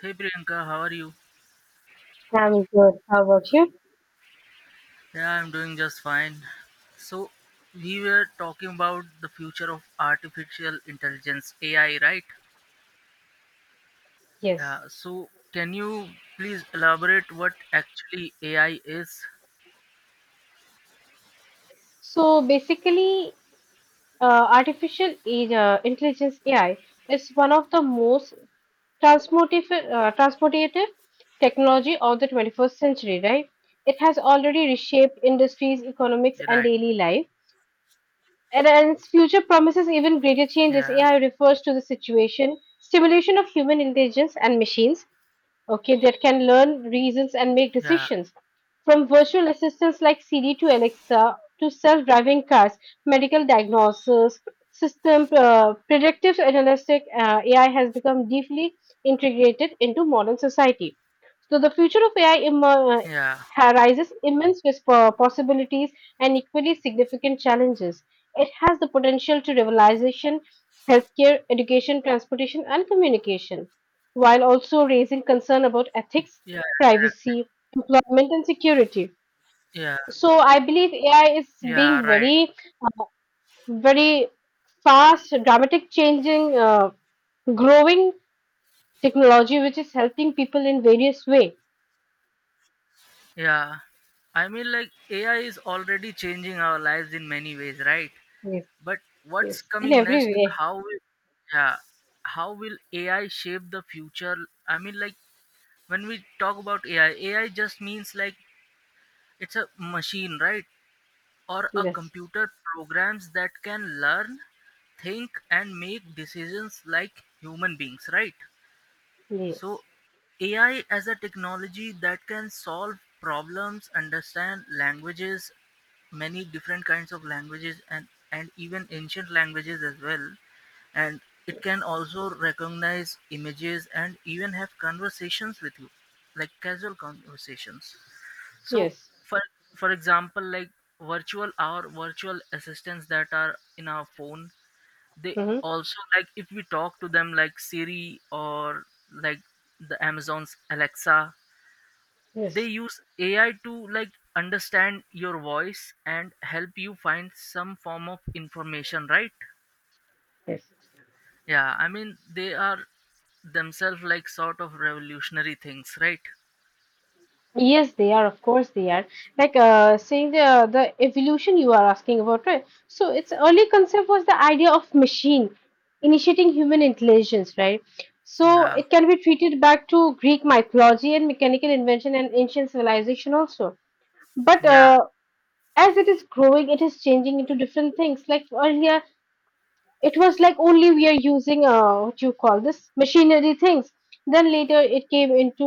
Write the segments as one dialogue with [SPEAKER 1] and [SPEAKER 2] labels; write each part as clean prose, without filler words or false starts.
[SPEAKER 1] Hey Priyanka, how are you?
[SPEAKER 2] I'm good. How about you?
[SPEAKER 1] Yeah, I'm doing just fine. So, we were talking about the future of artificial intelligence, AI, right?
[SPEAKER 2] Yes.
[SPEAKER 1] Yeah, so can you please elaborate what actually AI is?
[SPEAKER 2] So basically, artificial intelligence AI is one of the most transformative technology of the 21st century, right? It has already reshaped industries, economics, and
[SPEAKER 1] Right.
[SPEAKER 2] daily life. And its future promises even greater changes.
[SPEAKER 1] Yeah,
[SPEAKER 2] AI refers to the stimulation of human intelligence and machines, okay, that can learn reasons and make
[SPEAKER 1] yeah,
[SPEAKER 2] decisions. From virtual assistants like Siri to Alexa to self-driving cars, medical diagnosis, system, predictive analytic, AI has become deeply integrated into modern society. So the future of AI
[SPEAKER 1] yeah,
[SPEAKER 2] raises immense possibilities and equally significant challenges. It has the potential to revolution healthcare, education, transportation, and communication while also raising concern about ethics,
[SPEAKER 1] yeah,
[SPEAKER 2] privacy, employment, and security.
[SPEAKER 1] yeah,
[SPEAKER 2] So I believe AI is
[SPEAKER 1] yeah,
[SPEAKER 2] being
[SPEAKER 1] right.
[SPEAKER 2] very, very fast, dramatic, changing, growing technology, which is helping people in various way.
[SPEAKER 1] Yeah. AI is already changing our lives in many ways, right?
[SPEAKER 2] Yes,
[SPEAKER 1] But what's
[SPEAKER 2] yes, in
[SPEAKER 1] coming
[SPEAKER 2] every
[SPEAKER 1] next?
[SPEAKER 2] way.
[SPEAKER 1] How will Yeah, how will AI shape the future? I mean, like when we talk about AI, AI just means like it's a machine, right? Or a
[SPEAKER 2] Yes,
[SPEAKER 1] computer programs that can learn, think, and make decisions like human beings, right? So,
[SPEAKER 2] yes,
[SPEAKER 1] AI as a technology that can solve problems, understand languages, many different kinds of languages, and even ancient languages as well. And it can also recognize images and even have conversations with you, like casual conversations. So,
[SPEAKER 2] yes.
[SPEAKER 1] for for example, like virtual our virtual assistants that are in our phone, they
[SPEAKER 2] Mm-hmm.
[SPEAKER 1] also, like if we talk to them like Siri or like the Amazon's Alexa, they
[SPEAKER 2] Yes,
[SPEAKER 1] use AI to like understand your voice and help you find some form of information, right?
[SPEAKER 2] yes.
[SPEAKER 1] Yeah, I mean, they are themselves like sort of revolutionary things, right?
[SPEAKER 2] Yes, they are. Of course, they are. Like, saying the evolution you are asking about, right? So its early concept was the idea of machine initiating human intelligence, right? So
[SPEAKER 1] Yeah,
[SPEAKER 2] it can be treated back to Greek mythology and mechanical invention and ancient civilization also. But
[SPEAKER 1] yeah,
[SPEAKER 2] as it is growing, it is changing into different things. Like earlier, it was like only we are using, what you call this machinery things. Then later it came into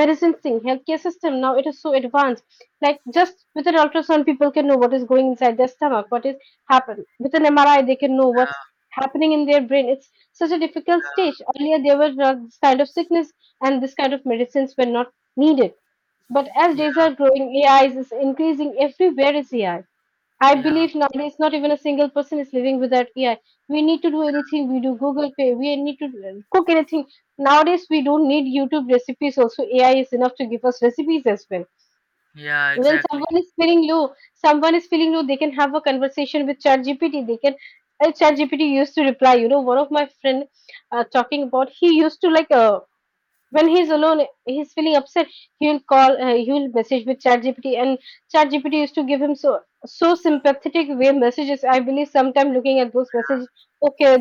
[SPEAKER 2] medicine thing, healthcare system. Now it is so advanced, like just with an ultrasound people can know what is going inside their stomach, what is happened. With an MRI they can know what's happening in their brain. It's such a difficult stage. Earlier there were, this kind of sickness and this kind of medicines were not needed. But as
[SPEAKER 1] yeah,
[SPEAKER 2] days
[SPEAKER 1] yeah,
[SPEAKER 2] are growing, AI is increasing everywhere. Is ai I I
[SPEAKER 1] yeah,
[SPEAKER 2] believe nowadays not even a single person is living without AI. We need to do anything, we do google pay. We need to cook anything nowadays, we don't need youtube recipes. Also, ai is enough to give us recipes as well.
[SPEAKER 1] yeah,
[SPEAKER 2] When
[SPEAKER 1] exactly.
[SPEAKER 2] someone is feeling low, they can have a conversation with ChatGPT. They can, ChatGPT used to reply, one of my friend, talking about, he used to like, when he's alone, he's feeling upset, he'll message with ChatGPT. And ChatGPT used to give him so sympathetic way messages. I believe sometime looking at those messages, okay,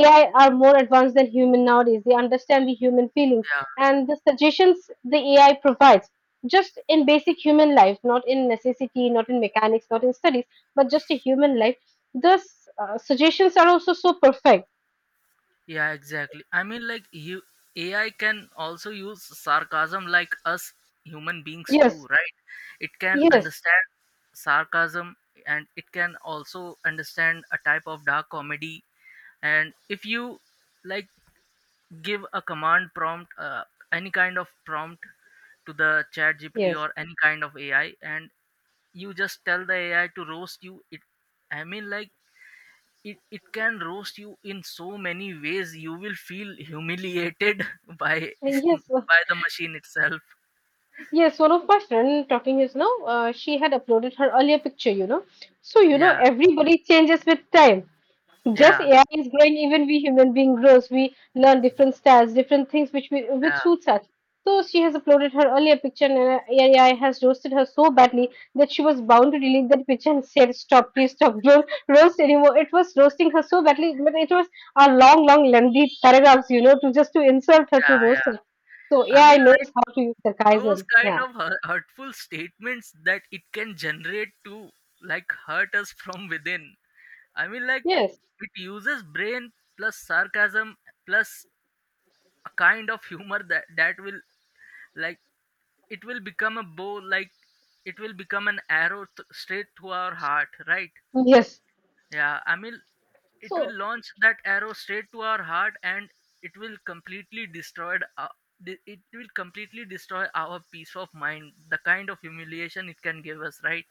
[SPEAKER 2] ai are more advanced than human nowadays. They understand the human feelings,
[SPEAKER 1] Yeah.
[SPEAKER 2] and the suggestions the ai provides, just in basic human life, not in necessity, not in mechanics, not in studies, but just a human life, the suggestions are also so perfect.
[SPEAKER 1] Yeah, exactly. AI can also use sarcasm like us human beings too,
[SPEAKER 2] Yes.
[SPEAKER 1] right? It can
[SPEAKER 2] Yes.
[SPEAKER 1] understand sarcasm, and it can also understand a type of dark comedy. And if you, like, give a command prompt, any kind of prompt to the chat GPT
[SPEAKER 2] Yes.
[SPEAKER 1] or any kind of AI, and you just tell the AI to roast you, it I mean, like it can roast you in so many ways you will feel humiliated by
[SPEAKER 2] Yes.
[SPEAKER 1] by the machine itself.
[SPEAKER 2] Yes, one of my friend talking is now, she had uploaded her earlier picture, you know. So, you know,
[SPEAKER 1] Yeah,
[SPEAKER 2] everybody changes with time. Just
[SPEAKER 1] yeah,
[SPEAKER 2] AI is growing, even we human being grows. We learn different styles, different things which we which
[SPEAKER 1] yeah,
[SPEAKER 2] suits us. So she has uploaded her earlier picture and, AI has roasted her so badly that she was bound to delete that picture and said, "Stop, please stop, don't roast anymore." It was roasting her so badly, but it was a long, long, lengthy paragraphs, you know, to just to insult her, to
[SPEAKER 1] yeah,
[SPEAKER 2] roast
[SPEAKER 1] yeah.
[SPEAKER 2] her. So
[SPEAKER 1] I
[SPEAKER 2] AI
[SPEAKER 1] mean, like
[SPEAKER 2] knows how to use
[SPEAKER 1] those
[SPEAKER 2] sarcasm.
[SPEAKER 1] kind
[SPEAKER 2] Yeah.
[SPEAKER 1] of hurtful statements that it can generate to like hurt us from within. I mean, like
[SPEAKER 2] Yes,
[SPEAKER 1] it uses brain plus sarcasm plus a kind of humor that will, like, it will become a bow, like it will become an arrow straight to our heart, right?
[SPEAKER 2] yes.
[SPEAKER 1] Yeah, I mean, it will
[SPEAKER 2] So,
[SPEAKER 1] launch that arrow straight to our heart, and it will completely destroyed, it will completely destroy our peace of mind, the kind of humiliation it can give us, right?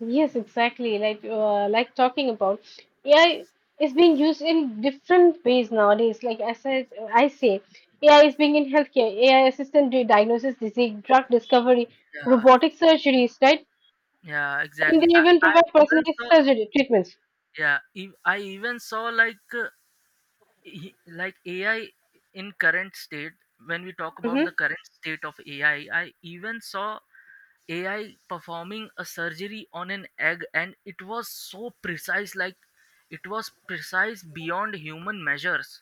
[SPEAKER 2] yes, exactly. Like, talking about AI is being used in different ways nowadays. Like as I say, AI is being in healthcare, AI assistant diagnosis, disease, drug discovery,
[SPEAKER 1] Yeah,
[SPEAKER 2] robotic surgeries, right?
[SPEAKER 1] yeah,
[SPEAKER 2] And
[SPEAKER 1] exactly.
[SPEAKER 2] they even
[SPEAKER 1] I
[SPEAKER 2] provide
[SPEAKER 1] even
[SPEAKER 2] personalized
[SPEAKER 1] saw,
[SPEAKER 2] surgery treatments.
[SPEAKER 1] yeah, I even saw, like, like AI in current state, when we talk about the
[SPEAKER 2] Mm-hmm.
[SPEAKER 1] current state of AI, I even saw AI performing a surgery on an egg, and it was so precise, like it was precise beyond human measures.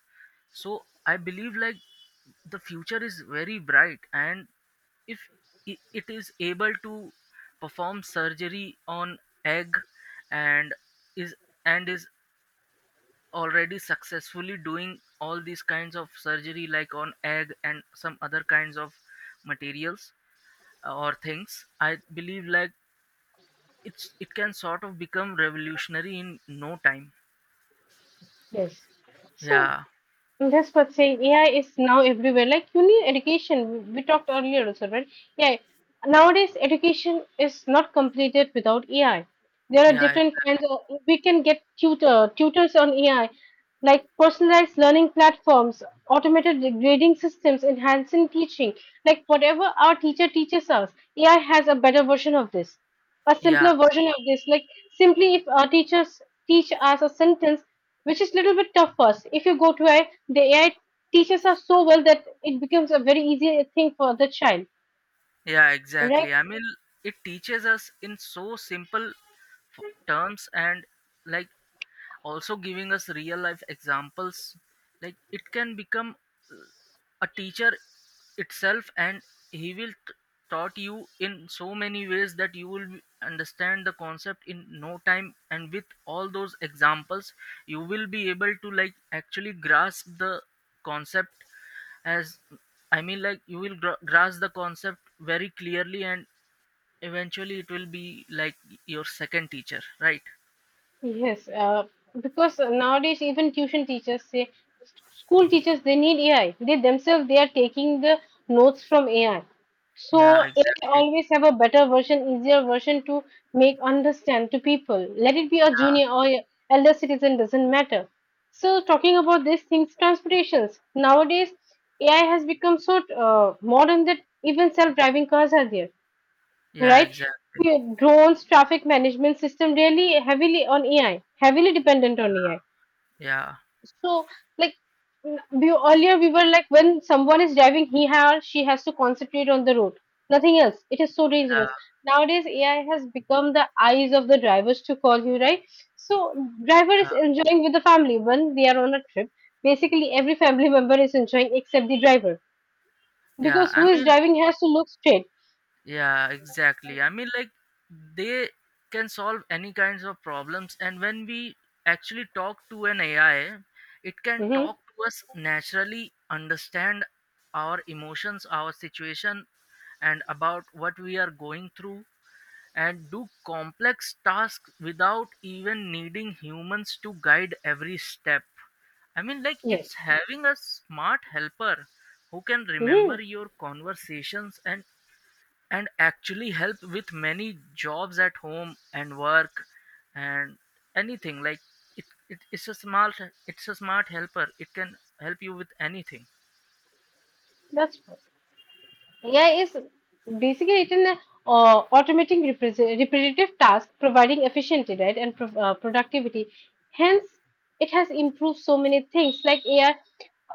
[SPEAKER 1] So I believe like the future is very bright, and if it is able to perform surgery on egg and is and is already successfully doing all these kinds of surgery like on egg and some other kinds of materials, or things, I believe like it can sort of become revolutionary in no time.
[SPEAKER 2] Yes. So
[SPEAKER 1] Yeah,
[SPEAKER 2] that's what saying, AI is now everywhere. Like you need education, we talked earlier also, right? Yeah. Nowadays, education is not completed without AI. There are
[SPEAKER 1] yeah, exactly.
[SPEAKER 2] different kinds of. We can get tutors on AI, like personalized learning platforms, automated grading systems, enhancing teaching. Like whatever our teacher teaches us, AI has a better version of this, a
[SPEAKER 1] Yeah,
[SPEAKER 2] simpler version of this. Like simply, if our teachers teach us a sentence which is little bit tough for us. If you go to AI, the AI teaches us so well that it becomes a very easy thing for the child,
[SPEAKER 1] yeah,
[SPEAKER 2] right?
[SPEAKER 1] exactly. I mean, it teaches us in so simple terms, and, like, also giving us real life examples. Like it can become, uh, a teacher itself, and he will taught you in so many ways that you will understand the concept in no time, and with all those examples you will be able to, like, actually grasp the concept, as I mean, like you will grasp the concept very clearly, and eventually it will be like your second teacher, right?
[SPEAKER 2] Yes, because nowadays even tuition teachers say, school teachers, they need AI. They themselves they are taking the notes from AI. So
[SPEAKER 1] Yeah,
[SPEAKER 2] AI
[SPEAKER 1] exactly.
[SPEAKER 2] always have a better version, easier version to make understand to people. Let it be a
[SPEAKER 1] Yeah,
[SPEAKER 2] junior or a elder citizen, doesn't matter. So talking about these things, transportations nowadays AI has become so, modern, that even self-driving cars are there,
[SPEAKER 1] yeah,
[SPEAKER 2] right?
[SPEAKER 1] exactly.
[SPEAKER 2] Drones, traffic management system, really heavily on AI, heavily dependent on AI.
[SPEAKER 1] Yeah,
[SPEAKER 2] So, like, we, earlier, we were like, when someone is driving, he or she has to concentrate on the road, nothing else. It is so
[SPEAKER 1] yeah,
[SPEAKER 2] dangerous. Nowadays, AI has become the eyes of the drivers to call you, right? So, driver is
[SPEAKER 1] yeah,
[SPEAKER 2] enjoying with the family when they are on a trip. Basically, every family member is enjoying except the driver,
[SPEAKER 1] yeah,
[SPEAKER 2] because who
[SPEAKER 1] I
[SPEAKER 2] is
[SPEAKER 1] mean,
[SPEAKER 2] driving has to look straight.
[SPEAKER 1] yeah, exactly. I mean, like they can solve any kinds of problems, and when we actually talk to an AI, it can
[SPEAKER 2] Hmm.
[SPEAKER 1] talk to us naturally, understand our emotions, our situation, and about what we are going through, and do complex tasks without even needing humans to guide every step. I mean, like
[SPEAKER 2] Yes.
[SPEAKER 1] it's having a smart helper who can
[SPEAKER 2] Hmm.
[SPEAKER 1] remember your conversations, and actually help with many jobs at home and work and anything. Like it it's a smart, it's a smart helper, it can help you with anything.
[SPEAKER 2] That's AI is basically, it's an, automating repetitive tasks, providing efficiency, right, and productivity. Hence, it has improved so many things. Like AI,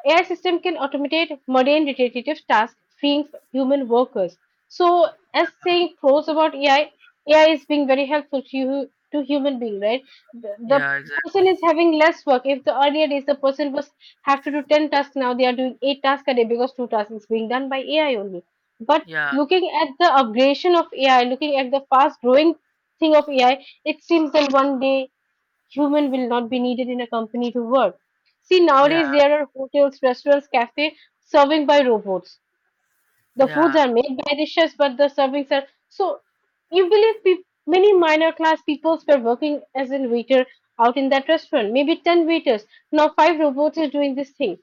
[SPEAKER 2] AI system can automate mundane repetitive tasks, freeing human workers. So, as saying pros about AI, AI is being very helpful to you, to human being, right? The
[SPEAKER 1] Yeah,
[SPEAKER 2] person
[SPEAKER 1] exactly,
[SPEAKER 2] is having less work. If the earlier days the person was have to do 10 tasks, now they are doing 8 tasks a day because 2 tasks is being done by ai only. But
[SPEAKER 1] yeah,
[SPEAKER 2] looking at the upgradation of AI, looking at the fast growing thing of AI, it seems that one day human will not be needed in a company to work. See,
[SPEAKER 1] yeah,
[SPEAKER 2] nowadays there are hotels, restaurants, cafes serving by robots. The foods
[SPEAKER 1] yeah,
[SPEAKER 2] are made by the chefs, but the servings are so. You believe peop many minor class peoples were working as a waiter out in that restaurant, maybe 10 waiters. Now, five robots is doing this thing.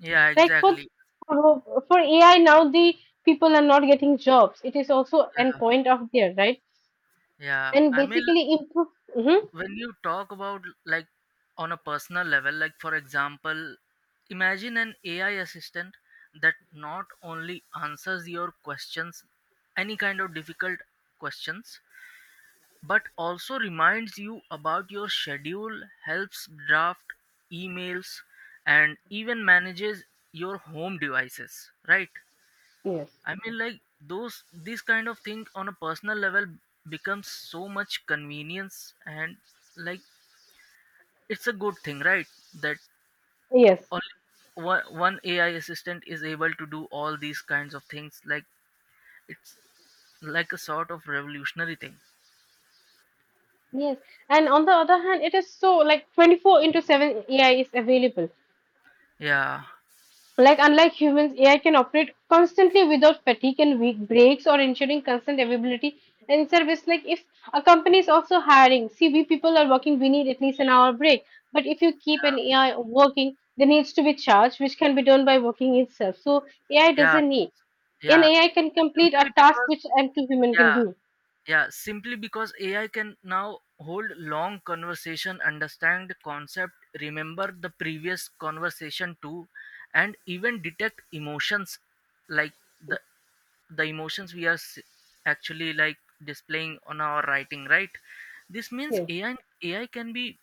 [SPEAKER 1] yeah,
[SPEAKER 2] Like for
[SPEAKER 1] exactly,
[SPEAKER 2] for for AI now, the people are not getting jobs. It is also an
[SPEAKER 1] yeah,
[SPEAKER 2] point of there, right?
[SPEAKER 1] yeah.
[SPEAKER 2] And
[SPEAKER 1] I mean,
[SPEAKER 2] basically improve. Hmm.
[SPEAKER 1] when you talk about, like, on a personal level, like for example, imagine an AI assistant that not only answers your questions, any kind of difficult questions, but also reminds you about your schedule, helps draft emails, and even manages your home devices, right?
[SPEAKER 2] Yes.
[SPEAKER 1] I mean, like those, this kind of thing on a personal level becomes so much convenience, and, like, it's a good thing, right? That
[SPEAKER 2] Yes.
[SPEAKER 1] all one AI assistant is able to do all these kinds of things. Like it's like a sort of revolutionary thing.
[SPEAKER 2] Yes. And on the other hand, it is so like 24 into 7, AI is available.
[SPEAKER 1] Yeah,
[SPEAKER 2] Like unlike humans, AI can operate constantly without fatigue and weak breaks or ensuring constant availability and service. Like if a company is also hiring, see we people are working, we need at least an hour break. But if you keep
[SPEAKER 1] yeah,
[SPEAKER 2] an AI working, there needs to be charge, which can be done by working itself. So AI
[SPEAKER 1] yeah,
[SPEAKER 2] doesn't need. And
[SPEAKER 1] yeah.
[SPEAKER 2] AI can complete
[SPEAKER 1] Simply
[SPEAKER 2] a task
[SPEAKER 1] because
[SPEAKER 2] which empty human can
[SPEAKER 1] Yeah,
[SPEAKER 2] do.
[SPEAKER 1] yeah. Simply because AI can now hold long conversation, understand concept, remember the previous conversation too, and even detect emotions, like the the emotions we are actually, like, displaying on our writing, right? This means
[SPEAKER 2] Yes.
[SPEAKER 1] AI can be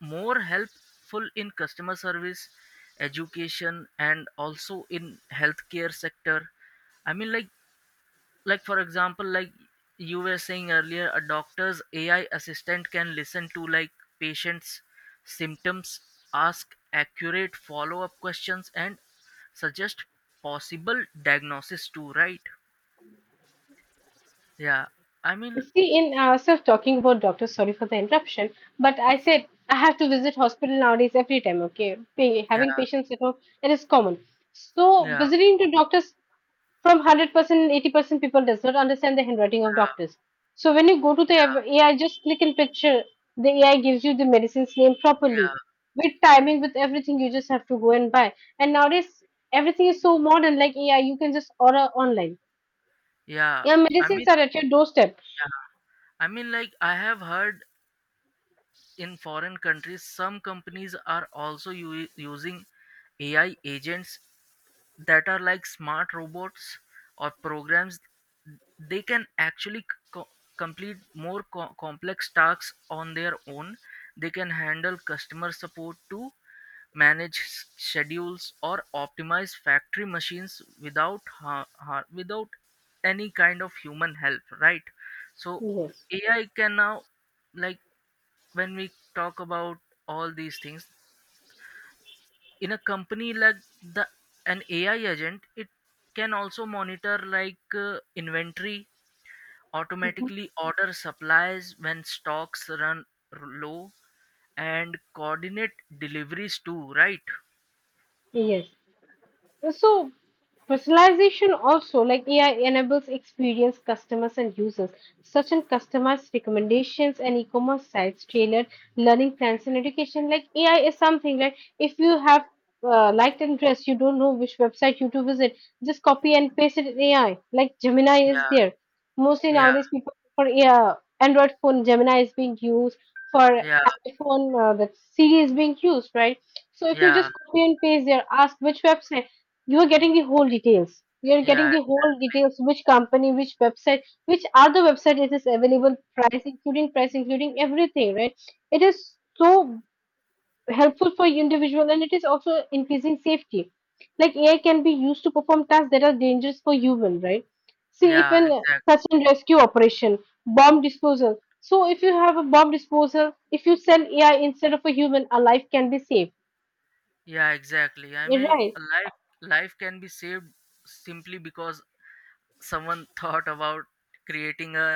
[SPEAKER 1] more helpful in customer service, education, and also in healthcare sector. I mean, like for example, like you were saying earlier, a doctor's AI assistant can listen to, like, patients symptoms, ask accurate follow up questions, and suggest possible diagnosis too, right? Yeah, I mean,
[SPEAKER 2] See, in ourselves talking about doctors, sorry for the interruption, but I said I have to visit hospital nowadays every time, okay?
[SPEAKER 1] yeah,
[SPEAKER 2] Having patients at home, it is common. So
[SPEAKER 1] yeah,
[SPEAKER 2] visiting to doctors, from 100%, 80% people does not understand the handwriting of
[SPEAKER 1] yeah,
[SPEAKER 2] doctors. So when you go to the
[SPEAKER 1] yeah,
[SPEAKER 2] AI, just click in picture, the AI gives you the medicine's name properly.
[SPEAKER 1] yeah,
[SPEAKER 2] With timing, with everything, you just have to go and buy. And nowadays, everything is so modern, like AI, you can just order online.
[SPEAKER 1] yeah.
[SPEAKER 2] Your
[SPEAKER 1] I mean,
[SPEAKER 2] medicines are at your doorstep.
[SPEAKER 1] yeah, I mean, like, I have heard in foreign countries some companies are also using AI agents that are like smart robots or programs. They can actually co- complete more complex tasks on their own. They can handle customer support, to manage schedules, or optimize factory machines without without any kind of human help, right? So
[SPEAKER 2] Yes.
[SPEAKER 1] AI can now, like, when we talk about all these things in a company, like the an AI agent, it can also monitor, like, inventory, automatically order supplies when stocks run low, and coordinate deliveries too, right?
[SPEAKER 2] Yes, so personalization also, like AI enables experienced customers and users, such as customized recommendations and e-commerce sites, tailored learning plans and education. Like AI is something like if you have, liked and dress, you don't know which website you to visit, just copy and paste it in AI. Like Gemini is
[SPEAKER 1] Yeah,
[SPEAKER 2] there. Mostly
[SPEAKER 1] yeah,
[SPEAKER 2] nowadays, people for, Android phone, Gemini is being used. For
[SPEAKER 1] yeah,
[SPEAKER 2] iPhone, that Siri is being used, right? So if you
[SPEAKER 1] yeah,
[SPEAKER 2] just copy and paste there, ask which website, you are getting the whole details. You are getting
[SPEAKER 1] yeah,
[SPEAKER 2] the whole details, which company, which website, which other website it is available, price, including everything, right? It is so helpful for individual and it is also increasing safety. Like AI can be used to perform tasks that are dangerous for human, right? See, if
[SPEAKER 1] yeah,
[SPEAKER 2] an
[SPEAKER 1] exactly,
[SPEAKER 2] such and rescue operation, bomb disposal. So if you have a bomb disposal, if you send AI instead of a human, a life can be saved.
[SPEAKER 1] yeah, exactly. I mean,
[SPEAKER 2] Right.
[SPEAKER 1] a life can be saved simply because someone thought about creating a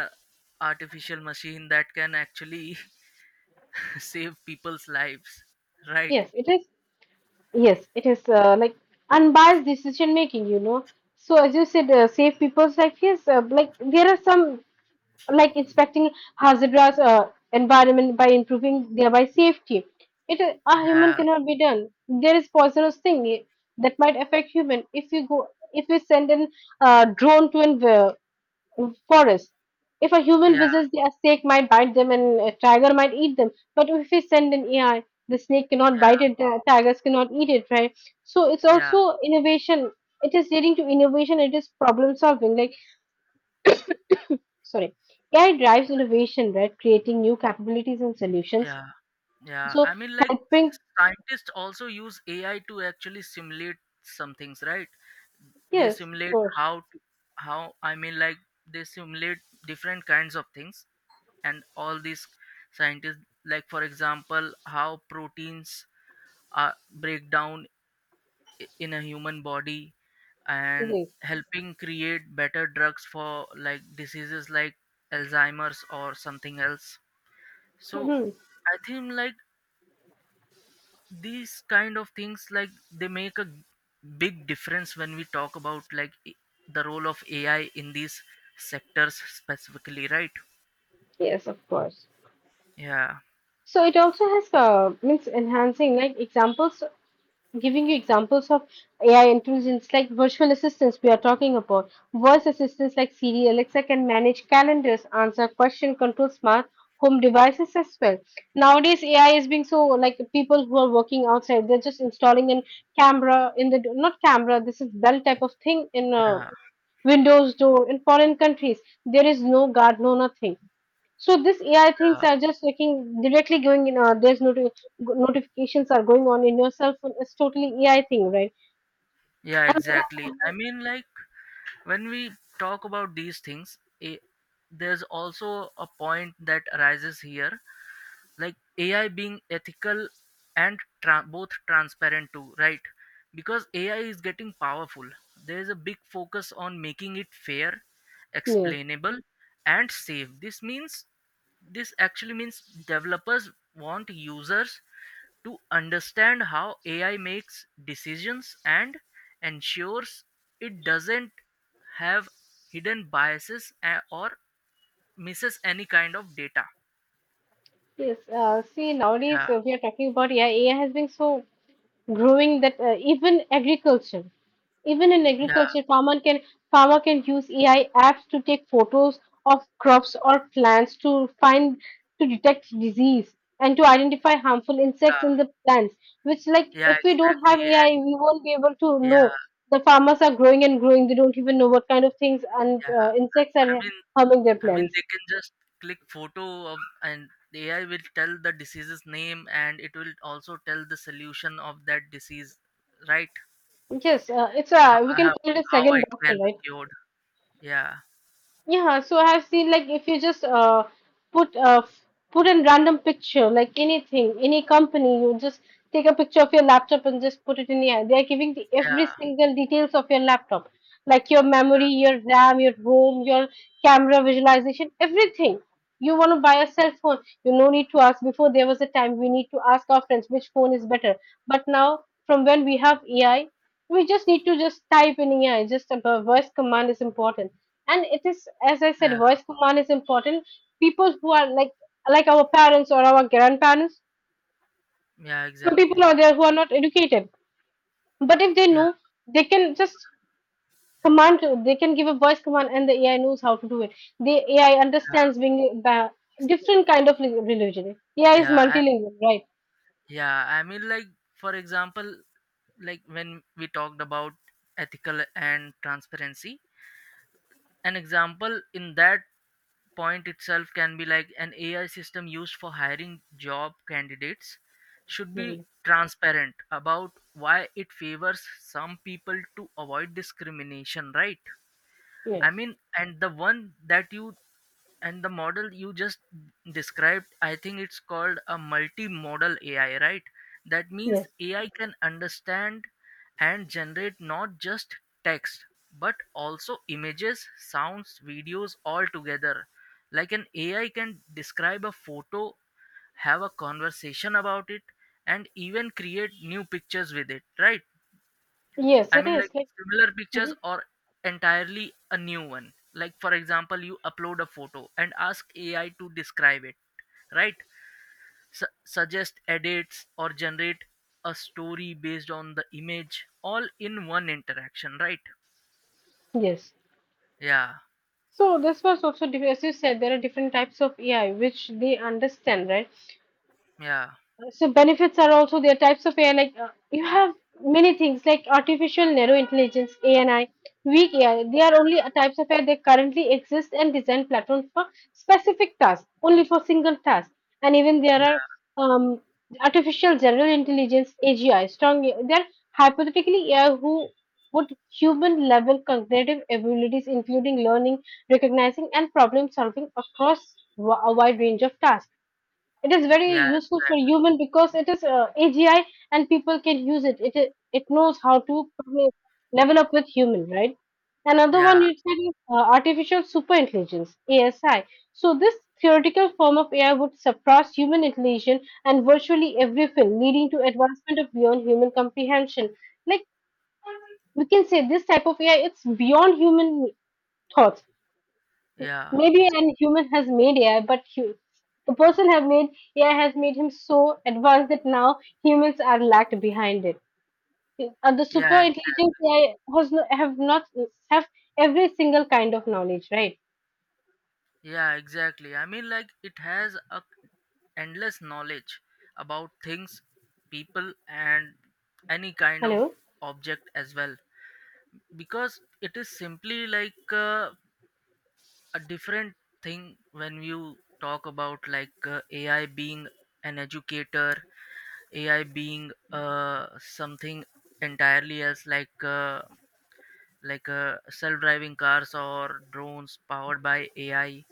[SPEAKER 1] artificial machine that can actually save people's lives, right?
[SPEAKER 2] Yes, it is. Yes, it is, like unbiased decision making, you know. So as you said, save people's life. Yes, like there are some like inspecting hazardous, environment by improving thereby safety. A human
[SPEAKER 1] Yeah,
[SPEAKER 2] cannot be done. There is poisonous thing, that might affect human. If you send an, drone to an, forest. If a human
[SPEAKER 1] yeah,
[SPEAKER 2] visits, a snake might bite them and a tiger might eat them. But if we send an AI, the snake cannot bite
[SPEAKER 1] yeah,
[SPEAKER 2] it, the tigers cannot eat it, right? So it's
[SPEAKER 1] yeah,
[SPEAKER 2] also innovation. It is leading to innovation, it is problem solving. Sorry, AI drives innovation, right? Creating new capabilities and solutions.
[SPEAKER 1] yeah. Yeah,
[SPEAKER 2] So
[SPEAKER 1] I mean, like
[SPEAKER 2] helping,
[SPEAKER 1] scientists also use AI to actually simulate some things, right? They
[SPEAKER 2] yes, of
[SPEAKER 1] simulate
[SPEAKER 2] course,
[SPEAKER 1] how, I mean, like they simulate different kinds of things, and all these scientists, like for example, how proteins are break down in a human body, and
[SPEAKER 2] yes.
[SPEAKER 1] helping create better drugs for, like, diseases like Alzheimer's or something else. So
[SPEAKER 2] Mhm.
[SPEAKER 1] I think, like, these kind of things, like, they make a big difference when we talk about, like, the role of AI in these sectors specifically, right?
[SPEAKER 2] Yes, of course.
[SPEAKER 1] Yeah,
[SPEAKER 2] So it also has means enhancing, like examples, giving you examples of AI intelligence like virtual assistants we are talking about. Voice assistants like Siri, Alexa can manage calendars, answer question, control smart home devices as well. Nowadays, AI is being so, like, people who are working outside, they're just installing a camera in the not camera. This is bell type of thing in a
[SPEAKER 1] yeah,
[SPEAKER 2] Windows door in foreign countries. There is no guard, no nothing. So this AI things
[SPEAKER 1] yeah,
[SPEAKER 2] are just looking directly going in. Notifications are going on in your cell phone. It's totally AI thing, right?
[SPEAKER 1] yeah,
[SPEAKER 2] And like,
[SPEAKER 1] exactly. I mean, like, when we talk about these things, there's also a point that arises here, like AI being ethical and both transparent too, right? Because AI is getting powerful, there is a big focus on making it fair,
[SPEAKER 2] yes,
[SPEAKER 1] explainable, and safe. This means, this actually means developers want users to understand how AI makes decisions, and ensures it doesn't have hidden biases, or misses any kind of data.
[SPEAKER 2] yes. See,
[SPEAKER 1] Yeah,
[SPEAKER 2] nowadays we are talking about AI. AI has been so growing that even in
[SPEAKER 1] yeah,
[SPEAKER 2] agriculture, farmer can use AI apps to take photos of crops or plants to find to detect disease and to identify harmful insects
[SPEAKER 1] yeah.
[SPEAKER 2] in the plants, which, like,
[SPEAKER 1] Yeah,
[SPEAKER 2] if we don't have
[SPEAKER 1] exactly. And
[SPEAKER 2] AI, we won't be able to know.
[SPEAKER 1] yeah,
[SPEAKER 2] The farmers are growing and growing, they don't even know what kind of things and
[SPEAKER 1] yeah.
[SPEAKER 2] insects
[SPEAKER 1] I
[SPEAKER 2] are
[SPEAKER 1] mean,
[SPEAKER 2] harming their
[SPEAKER 1] I mean,
[SPEAKER 2] plants.
[SPEAKER 1] they can just click photo of, and the AI will tell the disease's name, and it will also tell the solution of that disease, right?
[SPEAKER 2] Yes, it's
[SPEAKER 1] How,
[SPEAKER 2] a, we can
[SPEAKER 1] how,
[SPEAKER 2] call it a
[SPEAKER 1] how
[SPEAKER 2] second
[SPEAKER 1] it can
[SPEAKER 2] doctor,
[SPEAKER 1] be
[SPEAKER 2] right?
[SPEAKER 1] cured. Yeah,
[SPEAKER 2] Yeah, so I've seen, like, if you just put put in random picture, like anything, any company, you just take a picture of your laptop and just put it in here. They are giving the every
[SPEAKER 1] yeah,
[SPEAKER 2] single details of your laptop, like your memory, your RAM, your ROM, your camera visualization, everything. You want to buy a cell phone. You no need to ask. Before there was a time we need to ask our friends which phone is better. But now, from when we have AI, we just need to just type in AI. Just a voice command is important, and it is, as I said,
[SPEAKER 1] yeah,
[SPEAKER 2] voice command is important. People who are like our parents or our grandparents,
[SPEAKER 1] yeah,
[SPEAKER 2] some people
[SPEAKER 1] exactly.
[SPEAKER 2] are there who are not educated, but if they
[SPEAKER 1] Yeah,
[SPEAKER 2] know, they can just command, they can give a voice command and the AI knows how to do it. The AI
[SPEAKER 1] yeah.
[SPEAKER 2] understands being
[SPEAKER 1] So,
[SPEAKER 2] different kind of religion, AI is
[SPEAKER 1] yeah,
[SPEAKER 2] multilingual, right?
[SPEAKER 1] yeah. I mean, like for example, like when we talked about ethical and transparency, an example in that point itself can be like an AI system used for hiring job candidates should be
[SPEAKER 2] Mhm.
[SPEAKER 1] transparent about why it favors some people to avoid discrimination, right? I
[SPEAKER 2] Yes,
[SPEAKER 1] mean, and the one that you and the model you just described, I think it's called a multimodal AI, right? That means
[SPEAKER 2] yes,
[SPEAKER 1] AI can understand and generate not just text but also images, sounds, videos all together. Like an AI can describe a photo, have a conversation about it, and even create new pictures with it, right?
[SPEAKER 2] yes,
[SPEAKER 1] I
[SPEAKER 2] it
[SPEAKER 1] mean, like
[SPEAKER 2] is like.
[SPEAKER 1] similar pictures
[SPEAKER 2] Mhm.
[SPEAKER 1] or entirely a new one. Like, for example, you upload a photo and ask AI to describe it, right? Suggest edits or generate a story based on the image, all in one interaction, right?
[SPEAKER 2] Yes.
[SPEAKER 1] Yeah,
[SPEAKER 2] So this was also as you said, there are different types of AI which they understand, right?
[SPEAKER 1] yeah,
[SPEAKER 2] So benefits are also there. Types of AI, like, you have many things like artificial narrow intelligence, ANI, weak AI, they are only, types of AI that currently exist and design platforms for specific tasks, only for single tasks. And even there are
[SPEAKER 1] yeah,
[SPEAKER 2] um, artificial general intelligence, AGI, strong, they're hypothetically AI who would human level cognitive abilities including learning, recognizing and problem solving across a wide range of tasks. It is very
[SPEAKER 1] yeah,
[SPEAKER 2] useful for
[SPEAKER 1] exactly.
[SPEAKER 2] human because it is AGI, and people can use it. It knows how to probably level up with human, right? Another one
[SPEAKER 1] Yeah,
[SPEAKER 2] you said is artificial super intelligence (ASI). So this theoretical form of AI would surpass human intelligence and virtually every field, leading to advancement of beyond human comprehension. Like, we can say, this type of AI, it's beyond human thoughts.
[SPEAKER 1] yeah,
[SPEAKER 2] Maybe an human has made AI, but hu the person have made AI has made him so advanced that now humans are lagged behind it. And the super
[SPEAKER 1] yeah,
[SPEAKER 2] intelligent
[SPEAKER 1] exactly.
[SPEAKER 2] AI has have not have every single kind of knowledge, right?
[SPEAKER 1] Yeah, exactly. I mean, like, it has a endless knowledge about things, people, and any kind of
[SPEAKER 2] Hello.
[SPEAKER 1] object as well. Because it is simply like, a different thing when you talk about like, AI being an educator, AI being, something entirely else, like, self-driving cars or drones powered by AI.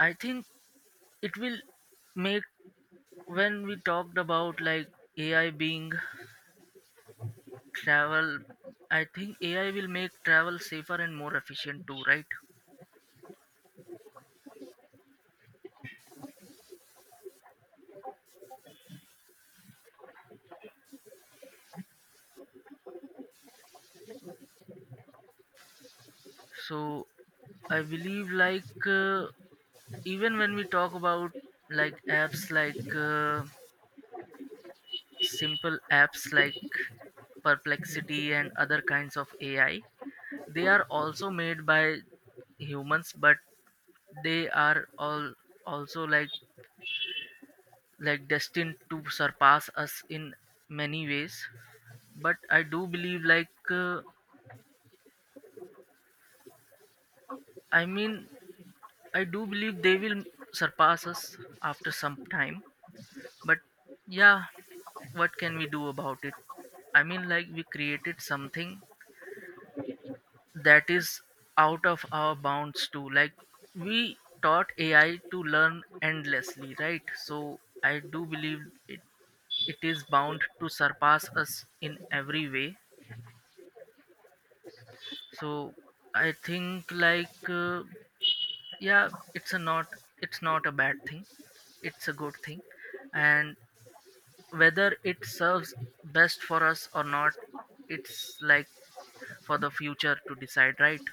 [SPEAKER 1] I think it will make When we talked about, like, AI being travel, I think AI will make travel safer and more efficient too, right? So I believe, like, even when we talk about, like, apps like, simple apps like Perplexity and other kinds of AI, they are also made by humans, but they are all also like destined to surpass us in many ways. But I do believe, like, I mean I do believe they will surpass us after some time. But yeah, what can we do about it? I mean, like, we created something that is out of our bounds too. Like, we taught AI to learn endlessly, right? So I do believe it it is bound to surpass us in every way. So I think, like, yeah it's a not it's not a bad thing, it's a good thing, and whether it serves best for us or not, it's like for the future to decide, right?